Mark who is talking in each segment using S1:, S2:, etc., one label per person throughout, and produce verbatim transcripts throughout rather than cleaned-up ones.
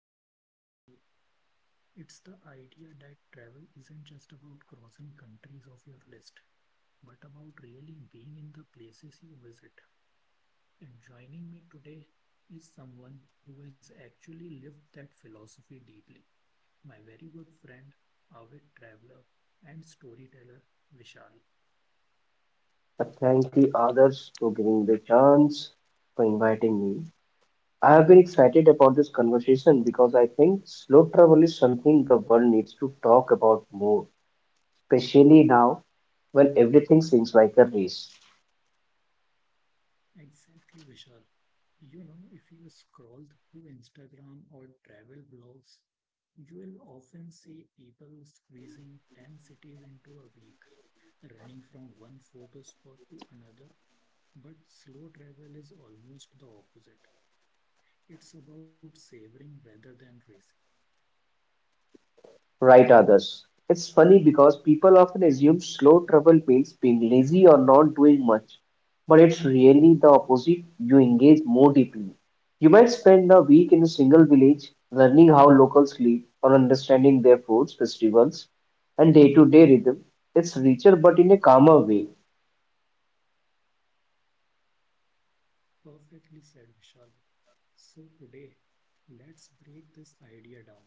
S1: traveling slow. It's the idea that travel isn't just about crossing countries off your list, but about really being in the places you visit. And joining me today is someone who has actually lived that philosophy deeply. My very good friend, avid traveler and storyteller Vishal.
S2: I thank the others for giving the chance, for inviting me. I have been excited about this conversation because I think slow travel is something the world needs to talk about more, especially now when everything seems like a race.
S1: Exactly, Vishal. You know, if you scroll through Instagram or travel blogs, you will often see people squeezing ten cities into a week, running from one photo spot to another. But slow travel is almost the opposite. It's about savoring rather than racing.
S2: Right others. It's funny because people often assume slow travel means being lazy or not doing much, but it's really the opposite. You engage more deeply. You might spend a week in a single village learning how locals live or understanding their foods, festivals, and day to day rhythm. It's richer but in a calmer way.
S1: Perfectly said, Vishal. So today, let's break this idea down.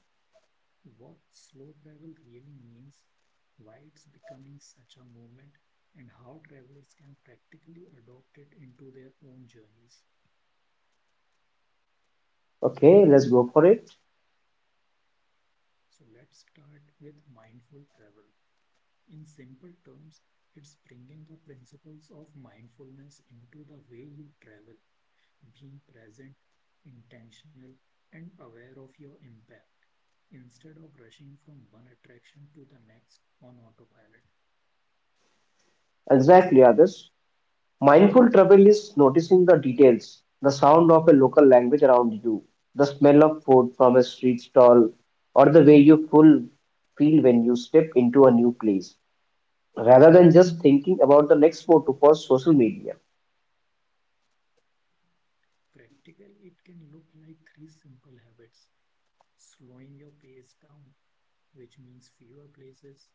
S1: What slow travel really means, why it's becoming such a movement, and how travelers can practically adopt it into their own journeys.
S2: Okay, let's go for it.
S1: So let's start with mindful travel. In simple terms, it's bringing the principles of mindfulness into the way you travel, being present, intentional, and aware of your impact, instead of rushing from one attraction to the next on autopilot.
S2: Exactly, others. Mindful travel is noticing the details, the sound of a local language around you, the smell of food from a street stall, or the way you full feel when you step into a new place, rather than just thinking about the next photo for social media.
S1: Practically, it can look like three simple habits: slowing your pace down, which means fewer places,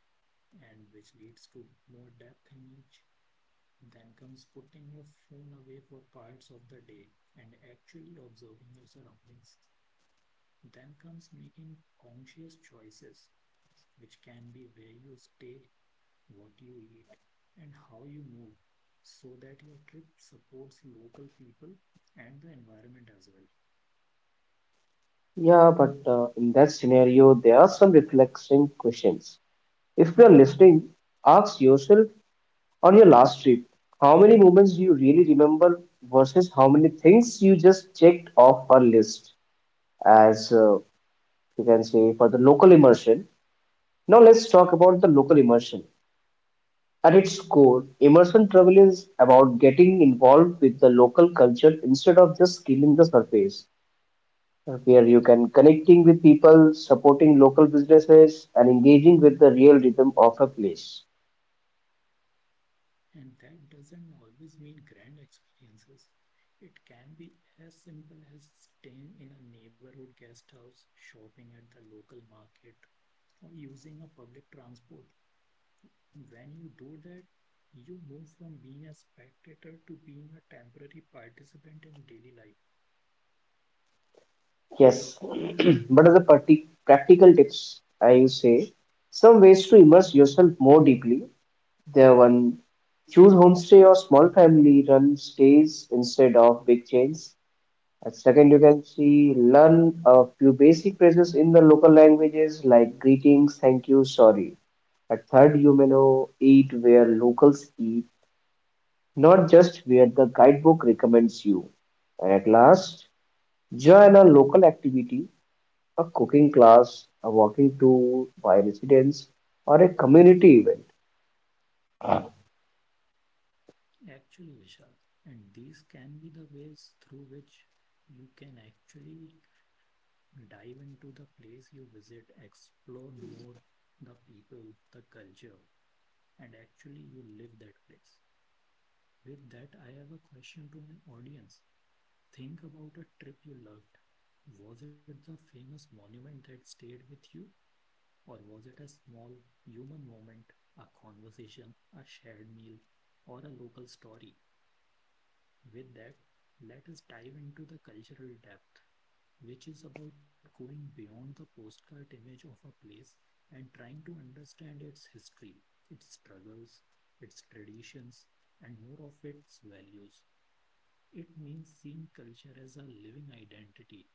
S1: and which leads to more depth in each. Then comes putting your phone away for parts of the day and actually observing your surroundings. Then comes making conscious choices, which can be where you stay, what you eat, and how you move, so that your trip supports local people and the environment as well.
S2: Yeah, but uh, in that scenario, there are some reflection questions. If you are listening, ask yourself on your last trip, how many moments do you really remember versus how many things you just checked off a list? As uh, You can say, for the local immersion. Now let's talk about the local immersion. At its core, immersion travel is about getting involved with the local culture instead of just skimming the surface. Where you can connecting with people, supporting local businesses, and engaging with the real rhythm of a place.
S1: And that doesn't always mean grand experiences. It can be as simple as staying in a neighborhood guest house, shopping at the local market, or using a public transport. When you do that, you move from being a spectator to being a temporary participant in daily life.
S2: Yes, but as a parti- practical tips, I will say some ways to immerse yourself more deeply. There one, choose homestay or small family run stays instead of big chains. And second, you can see learn a few basic phrases in the local languages like greetings, thank you, sorry. At third, you may know eat where locals eat, not just where the guidebook recommends you. And at last, join a local activity, a cooking class, a walking tour by residents, or a community event.
S1: Actually, Vishal, and these can be the ways through which you can actually dive into the place you visit, explore more the people, the culture, and actually you live that place. With that, I have a question to my audience. Think about a trip you loved. Was it the famous monument that stayed with you, or was it a small human moment, a conversation, a shared meal, or a local story? With that, let us dive into the cultural depth, which is about going beyond the postcard image of a place and trying to understand its history, its struggles, its traditions, and more of its values. It means seeing culture as a living identity,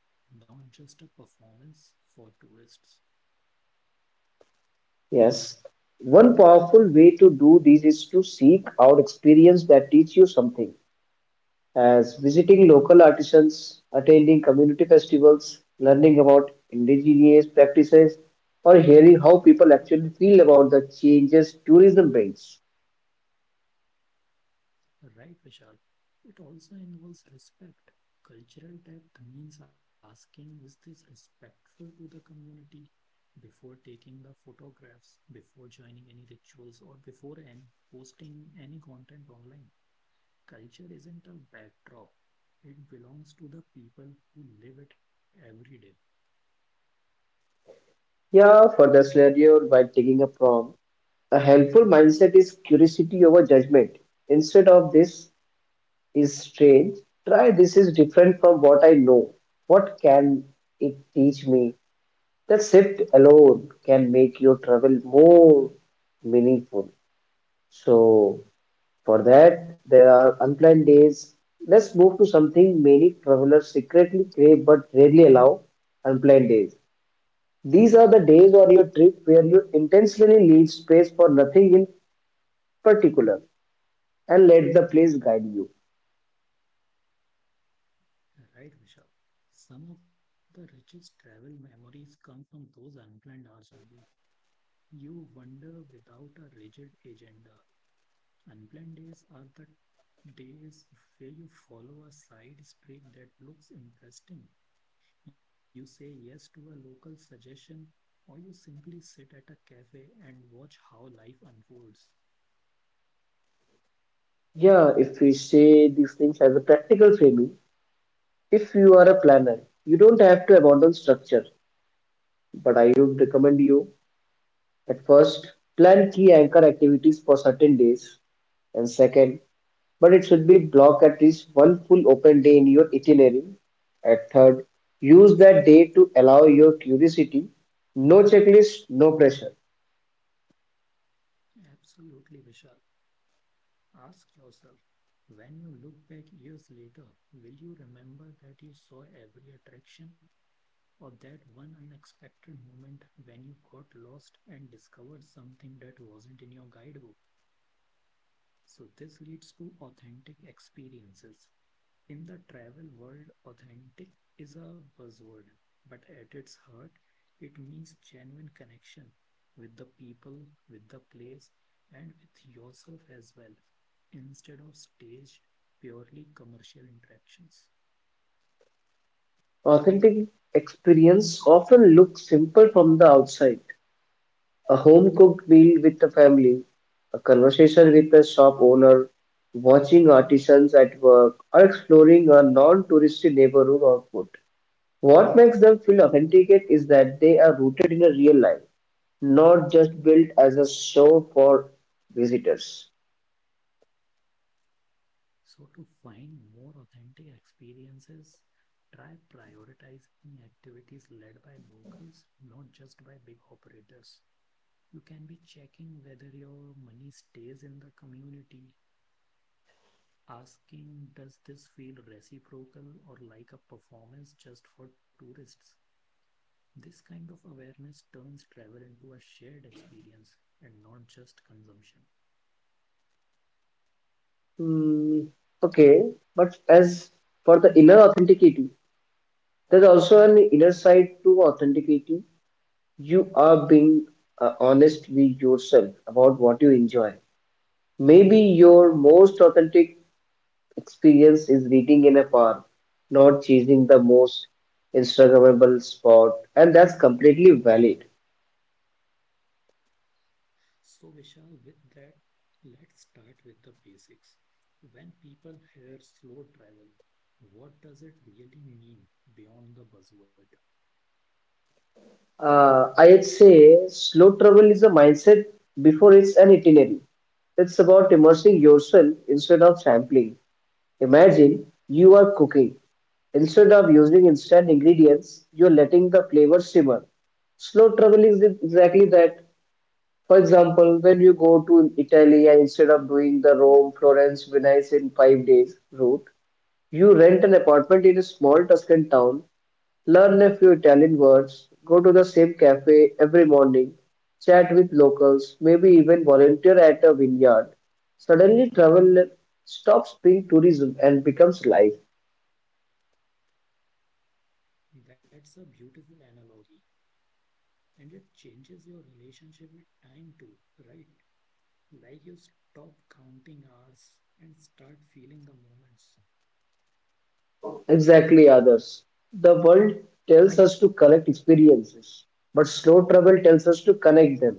S1: not just a performance for tourists.
S2: Yes. One powerful way to do this is to seek out experience that teach you something, as visiting local artisans, attending community festivals, learning about indigenous practices, or hearing how people actually feel about the changes tourism brings.
S1: Right, Vishal. It also involves respect. Cultural depth means asking, is this respectful to the community? Before taking the photographs, before joining any rituals, or before and posting any content online. Culture isn't a backdrop, it belongs to the people who live it every day.
S2: Yeah, for the scenario, while taking a prompt, a helpful mindset is curiosity over judgment. Instead of this is strange, try this is different from what I know. What can it teach me? That shift alone can make your travel more meaningful. So, for that, there are unplanned days. Let's move to something many travelers secretly crave but rarely allow, unplanned days. These are the days on your trip where you intentionally leave space for nothing in particular and let the place guide you.
S1: Right, Vishal. Some of the richest travel memories come from those unplanned hours only. You wander without a rigid agenda. Unplanned days are the days where you follow a side street that looks interesting. You say yes to a local suggestion, or you simply sit at a cafe and watch how life unfolds.
S2: Yeah, if we say these things as a practical framing, if you are a planner, you don't have to abandon structure, but I would recommend you at first plan key anchor activities for certain days, and second, but it should be blocked at least one full open day in your itinerary. At third, use that day to allow your curiosity. No checklist, no pressure.
S1: Absolutely, Vishal. Ask yourself, when you look back years later, will you remember that you saw every attraction or that one unexpected moment when you got lost and discovered something that wasn't in your guidebook? So this leads to authentic experiences. In the travel world, authentic is a buzzword, but at its heart, it means genuine connection with the people, with the place, and with yourself as well, instead of staged, purely commercial interactions.
S2: Authentic experience often looks simple from the outside. A home cooked meal with the family, a conversation with the shop owner, watching artisans at work, or exploring a non touristy neighborhood or food. What makes them feel authenticate is that they are rooted in a real life, not just built as a show for visitors.
S1: So to find more authentic experiences, try prioritizing activities led by locals, not just by big operators. You can be checking whether your money stays in the community, asking, does this feel reciprocal or like a performance just for tourists? This kind of awareness turns travel into a shared experience and not just consumption.
S2: Hmm, okay, but as for the inner authenticity, there's also an inner side to authenticity. You are being uh, honest with yourself about what you enjoy. Maybe your most authentic experience is reading in a park, not chasing the most Instagrammable spot, and that's completely valid.
S1: So, Vishal, with that, let's start with the basics. When people hear slow travel, what does it really mean beyond the buzzword?
S2: Uh, I'd say slow travel is a mindset before it's an itinerary. It's about immersing yourself instead of sampling. Imagine you are cooking. Instead of using instant ingredients, you're letting the flavor simmer. Slow travel is exactly that. For example, when you go to Italy and instead of doing the Rome, Florence, Venice in five days route, you rent an apartment in a small Tuscan town. Learn a few Italian words, go to the same cafe every morning, chat with locals, maybe even volunteer at a vineyard. Suddenly, travel stops being tourism and becomes life.
S1: That's a beautiful analogy and it changes your relationship with time too, right? Like you stop counting hours and start feeling the moments.
S2: Exactly, others. The world tells us to collect experiences, but slow travel tells us to connect them.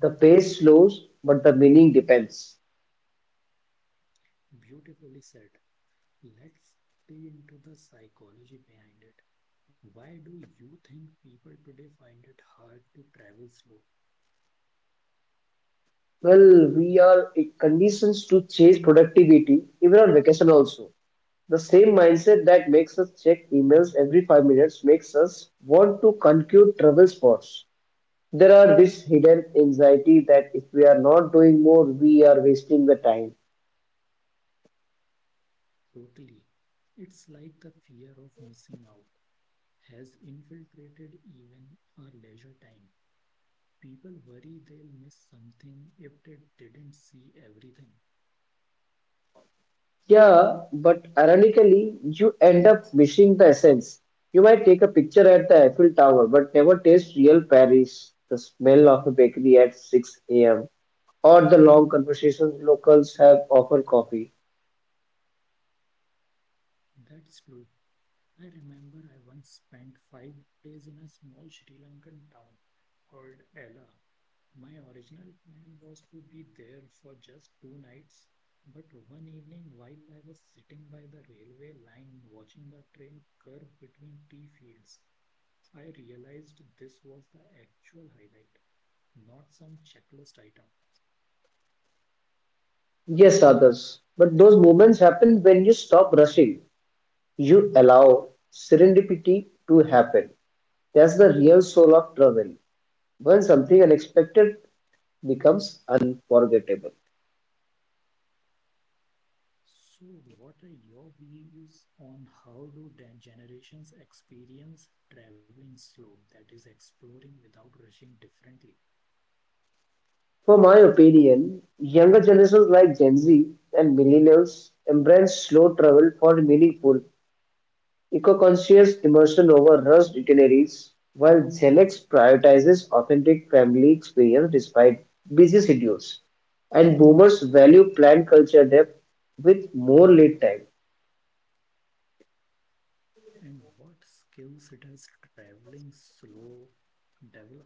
S2: The pace slows, but the meaning depends.
S1: Beautifully said. Let's dig into the psychology behind it. Why do you think people today find it hard to travel slow?
S2: Well, we are in conditions to chase productivity even on vacation also. The same mindset that makes us check emails every five minutes makes us want to conclude travel spots. There are this hidden anxiety that if we are not doing more, we are wasting the time.
S1: Totally. It's like the fear of missing out has infiltrated even our leisure time. People worry they'll miss something if they didn't see everything.
S2: Yeah, but ironically, you end up missing the essence. You might take a picture at the Eiffel Tower, but never taste real Paris, the smell of a bakery at six a.m. or the long conversations locals have over coffee.
S1: That's true. I remember I once spent five days in a small Sri Lankan town called Ella. My original plan was to be there for just two nights, but one evening while I was sitting by the railway line watching the train curve between tea fields, I realized this was the actual highlight, not some checklist item.
S2: Yes, others. But those moments happen when you stop rushing. You allow serendipity to happen. That's the real soul of travel. When something unexpected becomes unforgettable.
S1: So, what are your views on how do generations experience traveling slow, that is, exploring without rushing differently?
S2: For my opinion, younger generations like Gen Z and millennials embrace slow travel for meaningful eco-conscious immersion over rushed itineraries, while Xenex prioritizes authentic family experience despite busy schedules. And boomers value planned culture depth with more lead time.
S1: And what skills it has traveling slow develop?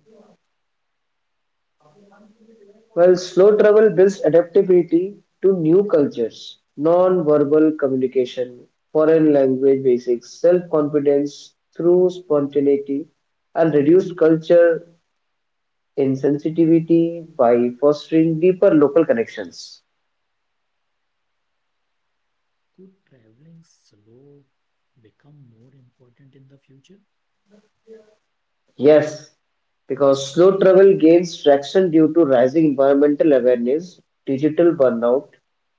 S2: While slow travel builds adaptability to new cultures, non-verbal communication, foreign language basics, self-confidence through spontaneity, and reduced culture insensitivity by fostering deeper local connections.
S1: Could traveling slow become more important in the future?
S2: Yes, because slow travel gains traction due to rising environmental awareness, digital burnout,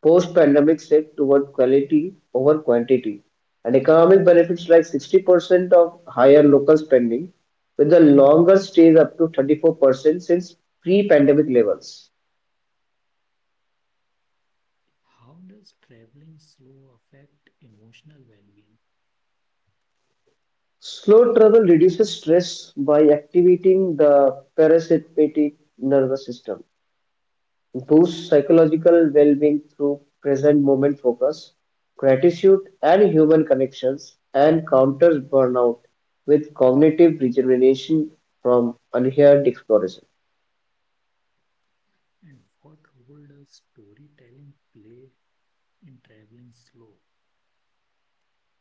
S2: post-pandemic shift toward quality over quantity, and economic benefits like sixty percent of higher local spending, with the longer stays up to thirty-four percent since pre-pandemic levels.
S1: How does traveling slow affect emotional well-being?
S2: Slow travel reduces stress by activating the parasympathetic nervous system, boost psychological well-being through present moment focus, gratitude and human connections, and counters burnout with cognitive regeneration from unheard exploration.
S1: And what role does storytelling play in traveling slow?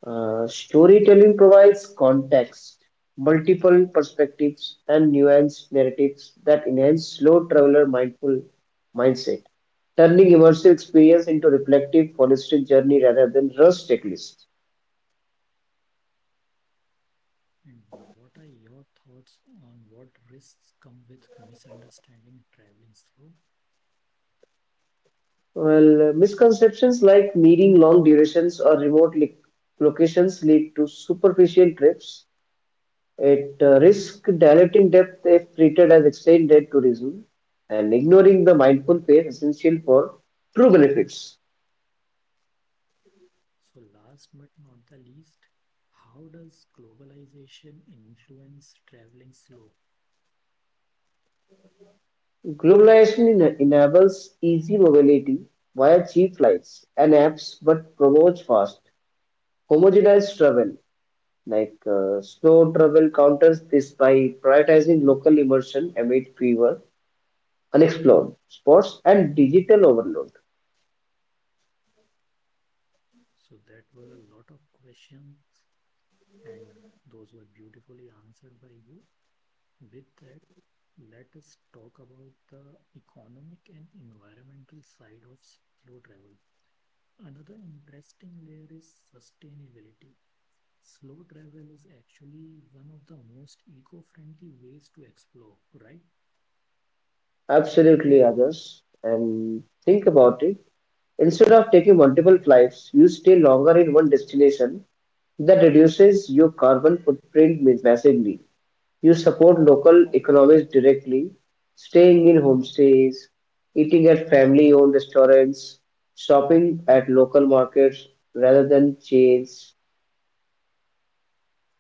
S2: Uh, storytelling provides context, multiple perspectives, and nuanced narratives that enhance slow traveler mindful mindset, turning immersive experience into reflective holistic journey rather than rush checklist.
S1: And what are your thoughts on what risks come with misunderstanding traveling through?
S2: Well, uh, misconceptions like needing long durations or remote li- locations lead to superficial trips. It uh, risks diluting depth if treated as extended tourism and ignoring the mindful pace essential for true benefits.
S1: So, last but not the least, how does globalization influence traveling slow?
S2: Globalization en- enables easy mobility via cheap flights and apps but promotes fast, homogenized travel. Like uh, slow travel counters this by prioritizing local immersion amid fever unexplored spots and digital overload.
S1: So, that were a lot of questions, and those were beautifully answered by you. With that, let us talk about the economic and environmental side of slow travel. Another interesting layer is sustainability. Slow travel is actually one of the most eco-friendly ways to explore, right?
S2: Absolutely, others. And think about it. Instead of taking multiple flights, you stay longer in one destination. That reduces your carbon footprint massively. You support local economies directly, staying in homestays, eating at family owned restaurants, shopping at local markets rather than chains.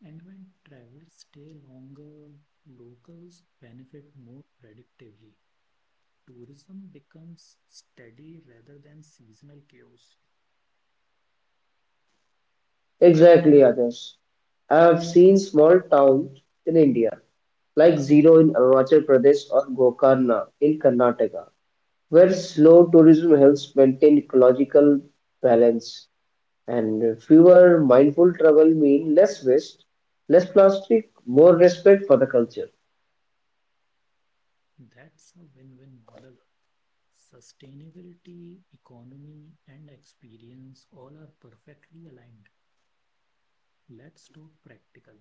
S1: And when travelers stay longer, locals benefit more predictably. Tourism becomes steady rather than seasonal chaos.
S2: Exactly, others. I have seen small towns in India like Zero in Arunachal Pradesh or Gokarna in Karnataka, where slow tourism helps maintain ecological balance and fewer mindful travel mean less waste, less plastic, more respect for the culture.
S1: That's a win-win model. Sustainability, economy, and experience all are perfectly aligned. Let's talk practical.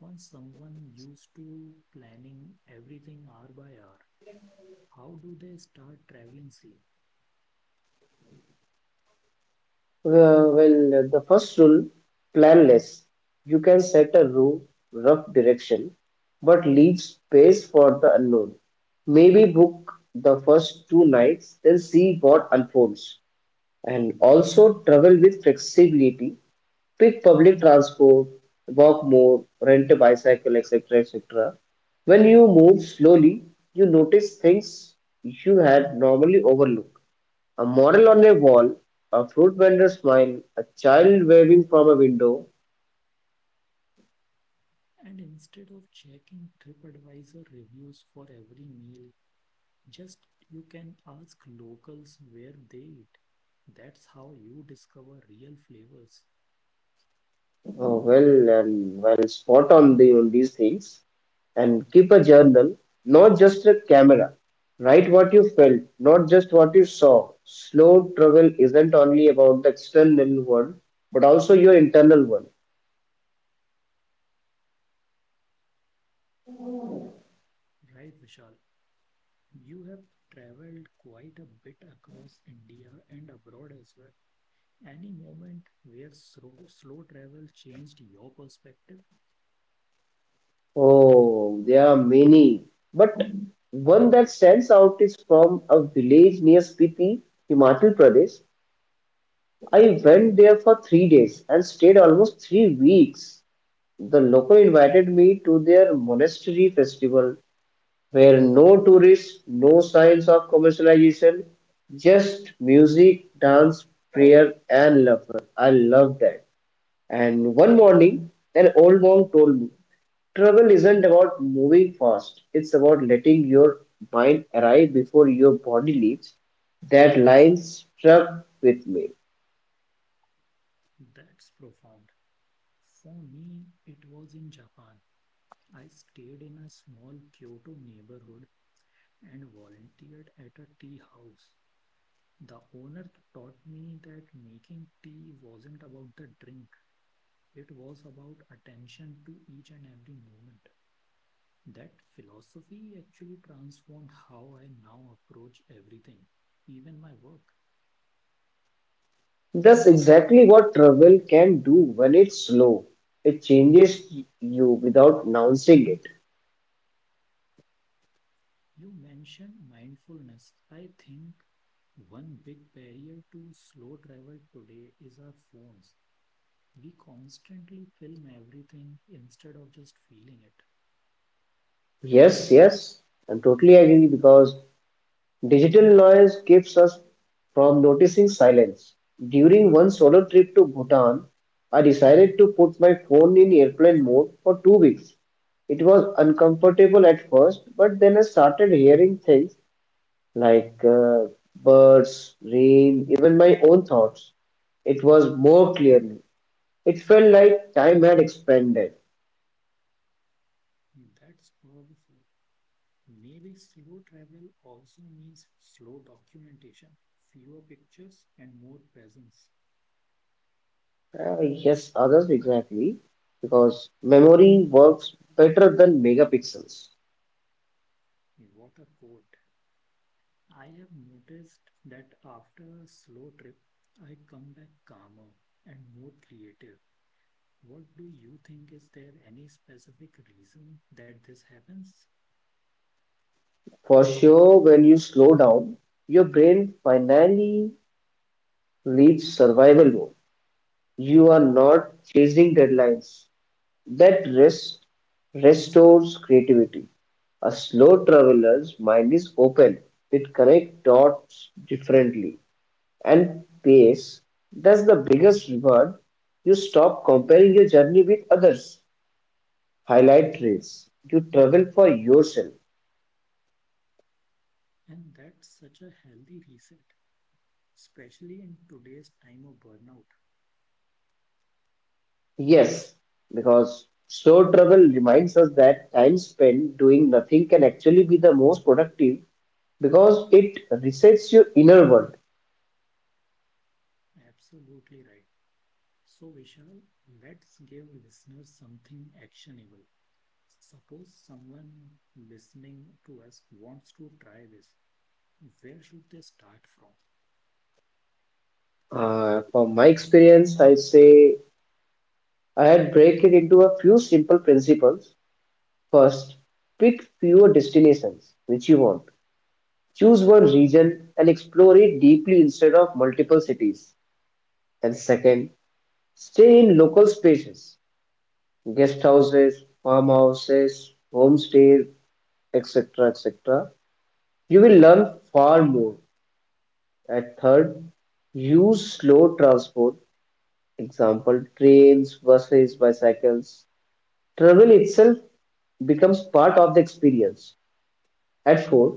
S1: For someone used to planning everything hour by hour, how do they start traveling safe?
S2: Well, well, the first rule, plan less. You can set a route, rough direction, but leave space for the unknown. Maybe book the first two nights, then see what unfolds. And also travel with flexibility, pick public transport, walk more, rent a bicycle, et cetera et cetera. When you move slowly, you notice things you had normally overlooked. A model on a wall, a fruit vendor smile, a child waving from a window.
S1: And instead of checking TripAdvisor reviews for every meal, just you can ask locals where they eat. That's how you discover real flavors.
S2: Oh, well and well spot on the on these things, and keep a journal, not just a camera. Write what you felt, not just what you saw. Slow travel isn't only about the external world, but also your internal one.
S1: Right, Vishal? You have traveled quite a bit across India and abroad as well. Any moment where slow, slow travel changed your perspective?
S2: Oh, there are many. But one that stands out is from a village near Spiti, Himachal Pradesh. I went there for three days and stayed almost three weeks. The local invited me to their monastery festival where no tourists, no signs of commercialization, just music, dance, prayer, and laughter. I love that. And one morning, an old monk told me travel isn't about moving fast, it's about letting your mind arrive before your body leaves. That line struck with me.
S1: That's profound. For me, it was in Japan. I stayed in a small Kyoto neighborhood and volunteered at a tea house. The owner taught me that making tea wasn't about the drink, it was about attention to each and every moment. That philosophy actually transformed how I now approach everything, even my work.
S2: That's exactly what travel can do when it's slow. It changes you without announcing it.
S1: You mentioned mindfulness. I think one big barrier to slow travel today is our phones. We constantly film everything instead of just feeling it.
S2: Yes, yes, I'm totally agree because digital noise keeps us from noticing silence. During one solo trip to Bhutan, I decided to put my phone in airplane mode for two weeks. It was uncomfortable at first, but then I started hearing things like uh, birds, rain, even my own thoughts. It was more clearly. It felt like time had expanded.
S1: That's powerful. Maybe slow travel also means slow documentation, fewer pictures, and more presence.
S2: Uh, yes, others exactly, because memory works better than megapixels.
S1: What a quote. I have noticed that after a slow trip, I come back calmer and more creative. What do you think? Is there any specific reason that this happens?
S2: For sure, when you slow down, your brain finally leaves survival mode. You are not chasing deadlines. That rest restores creativity. A slow traveler's mind is open. It connects dots differently. And pace, that's the biggest reward. You stop comparing your journey with others. Highlight trails. You travel for yourself.
S1: And that's such a healthy reset, especially in today's time of burnout.
S2: Yes, because slow travel reminds us that time spent doing nothing can actually be the most productive because it resets your inner world.
S1: Absolutely right. So, Vishal, let's give listeners something actionable. Suppose someone listening to us wants to try this. Where should they start from?
S2: Uh, from my experience, I say I had break it into a few simple principles. First, pick fewer destinations which you want. Choose one region and explore it deeply instead of multiple cities. And second, stay in local spaces, guest houses, farmhouses, homestays, et cetera et cetera. You will learn far more. And third, use slow transport, example trains, buses, bicycles. Travel itself becomes part of the experience. At four,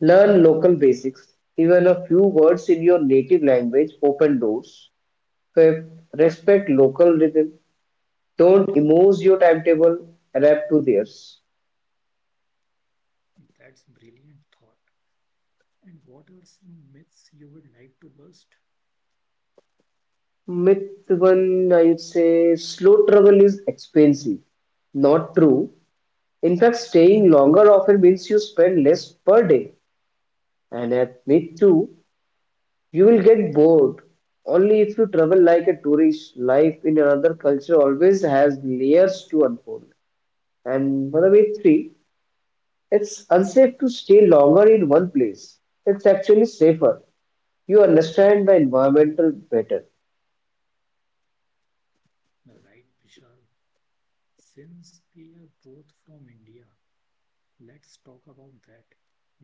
S2: learn local basics. Even a few words in your native language open doors. Fifth, respect local rhythm. Don't impose your timetable, adapt to theirs.
S1: That's brilliant thought. And what are some myths you would like to bust?
S2: Myth one, I would say slow travel is expensive. Not true. In fact, staying longer often means you spend less per day. And at myth two, you will get bored. Only if you travel like a tourist, life in another culture always has layers to unfold. And by the way, three, it's unsafe to stay longer in one place. It's actually safer. You understand the environmental better.
S1: Right, Vishal. Since we are both from India, let's talk about that.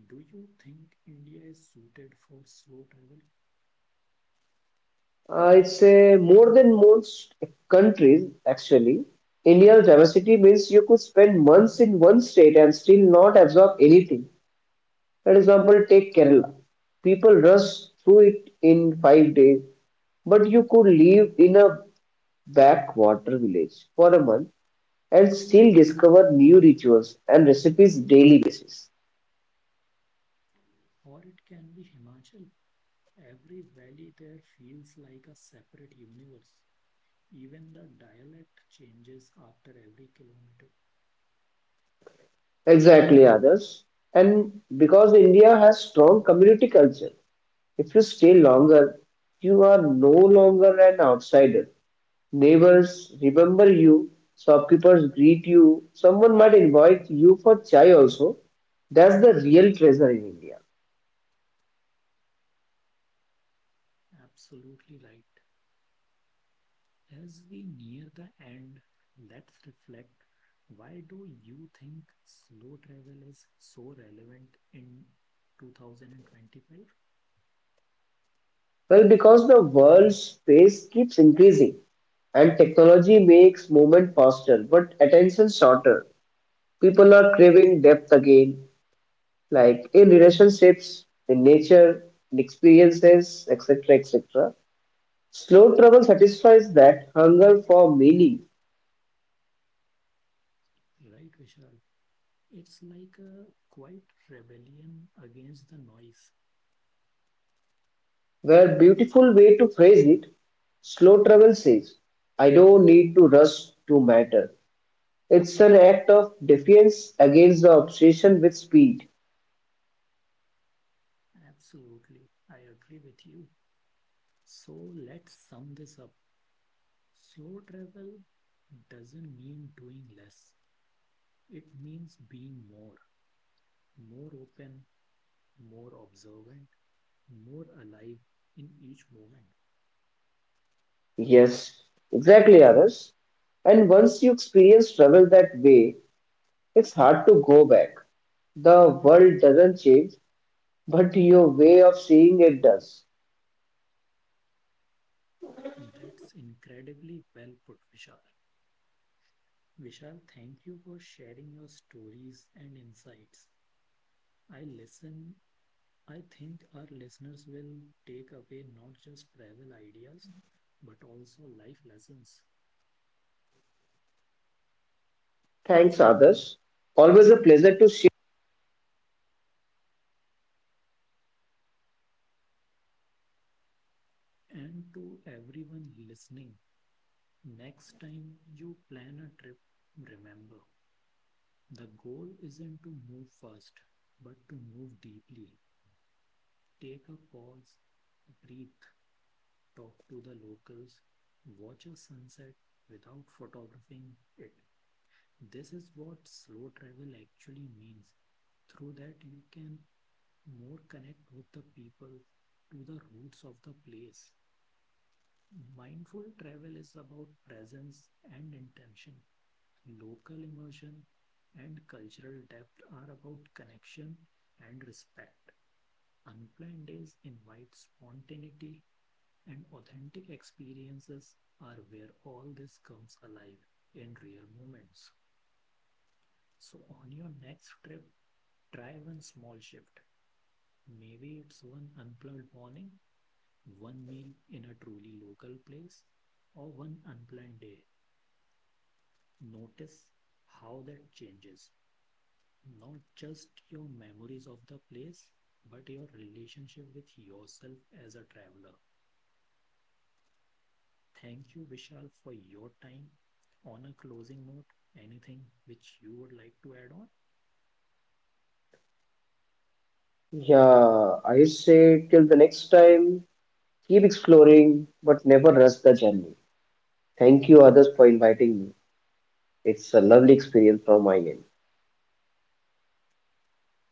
S1: Do you think India is suited for slow travel?
S2: I'd say more than most countries, actually. India's diversity means you could spend months in one state and still not absorb anything. For example, take Kerala. People rush through it in five days, but you could live in a backwater village for a month and still discover new rituals and recipes daily basis.
S1: Or it can be Himachal. Every valley there feels like a separate universe. Even the dialect changes after every kilometer.
S2: Exactly, others. And because India has strong community culture, if you stay longer, you are no longer an outsider. Neighbors remember you, shopkeepers greet you, someone might invite you for chai also. That's the real treasure in India.
S1: Absolutely right. As we near the end, let's reflect. Why do you think slow travel is so relevant in two thousand twenty-five?
S2: Well, because the world's space keeps increasing and technology makes movement faster but attention shorter. People are craving depth again, like in relationships, in nature, in experiences, et cetera et cetera. Slow travel satisfies that hunger for meaning.
S1: Right, Vishal. It's like a quiet rebellion against the noise.
S2: Where beautiful way to phrase it, slow travel says, I don't need to rush to matter. It's an act of defiance against the obsession with speed.
S1: Absolutely. I agree with you. So let's sum this up. Slow travel doesn't mean doing less, it means being more, more open, more observant, more alive in each moment.
S2: Yes, exactly, Aras. And once you experience travel that way, it's hard to go back. The world doesn't change, but your way of seeing it does.
S1: That's incredibly well put, Vishal. Vishal, thank you for sharing your stories and insights. I listen. I think our listeners will take away not just travel ideas, but also life lessons.
S2: Thanks, others. Always a pleasure to share.
S1: And to everyone listening, next time you plan a trip, remember the goal isn't to move fast, but to move deeply. Take a pause, breathe, talk to the locals, watch a sunset without photographing it. This is what slow travel actually means. Through that, you can more connect with the people to the roots of the place. Mindful travel is about presence and intention. Local immersion, and cultural depth are about connection and respect. Unplanned days invite spontaneity, and authentic experiences are where all this comes alive in real moments. So, on your next trip, try one small shift. Maybe it's one unplugged morning, one meal in a truly local place, or one unplanned day. Notice how that changes. Not just your memories of the place, but your relationship with yourself as a traveler. Thank you, Vishal, for your time. On a closing note, anything which you would like to add on?
S2: Yeah, I say till the next time, keep exploring, but never rush the journey. Thank you, others, for inviting me. It's a lovely experience from my end.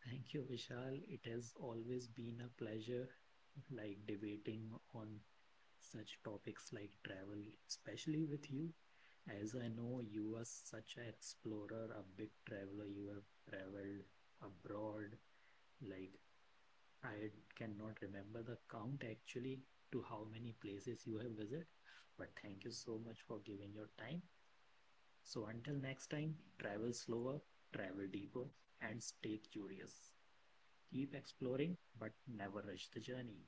S1: Thank you, Vishal. It has always been a pleasure, like debating on such topics like travel, especially with you. As I know, you are such an explorer, a big traveler. You have traveled abroad, like, I cannot remember the count actually to how many places you have visited, but thank you so much for giving your time. So until next time, travel slower, travel deeper, and stay curious. Keep exploring, but never rush the journey.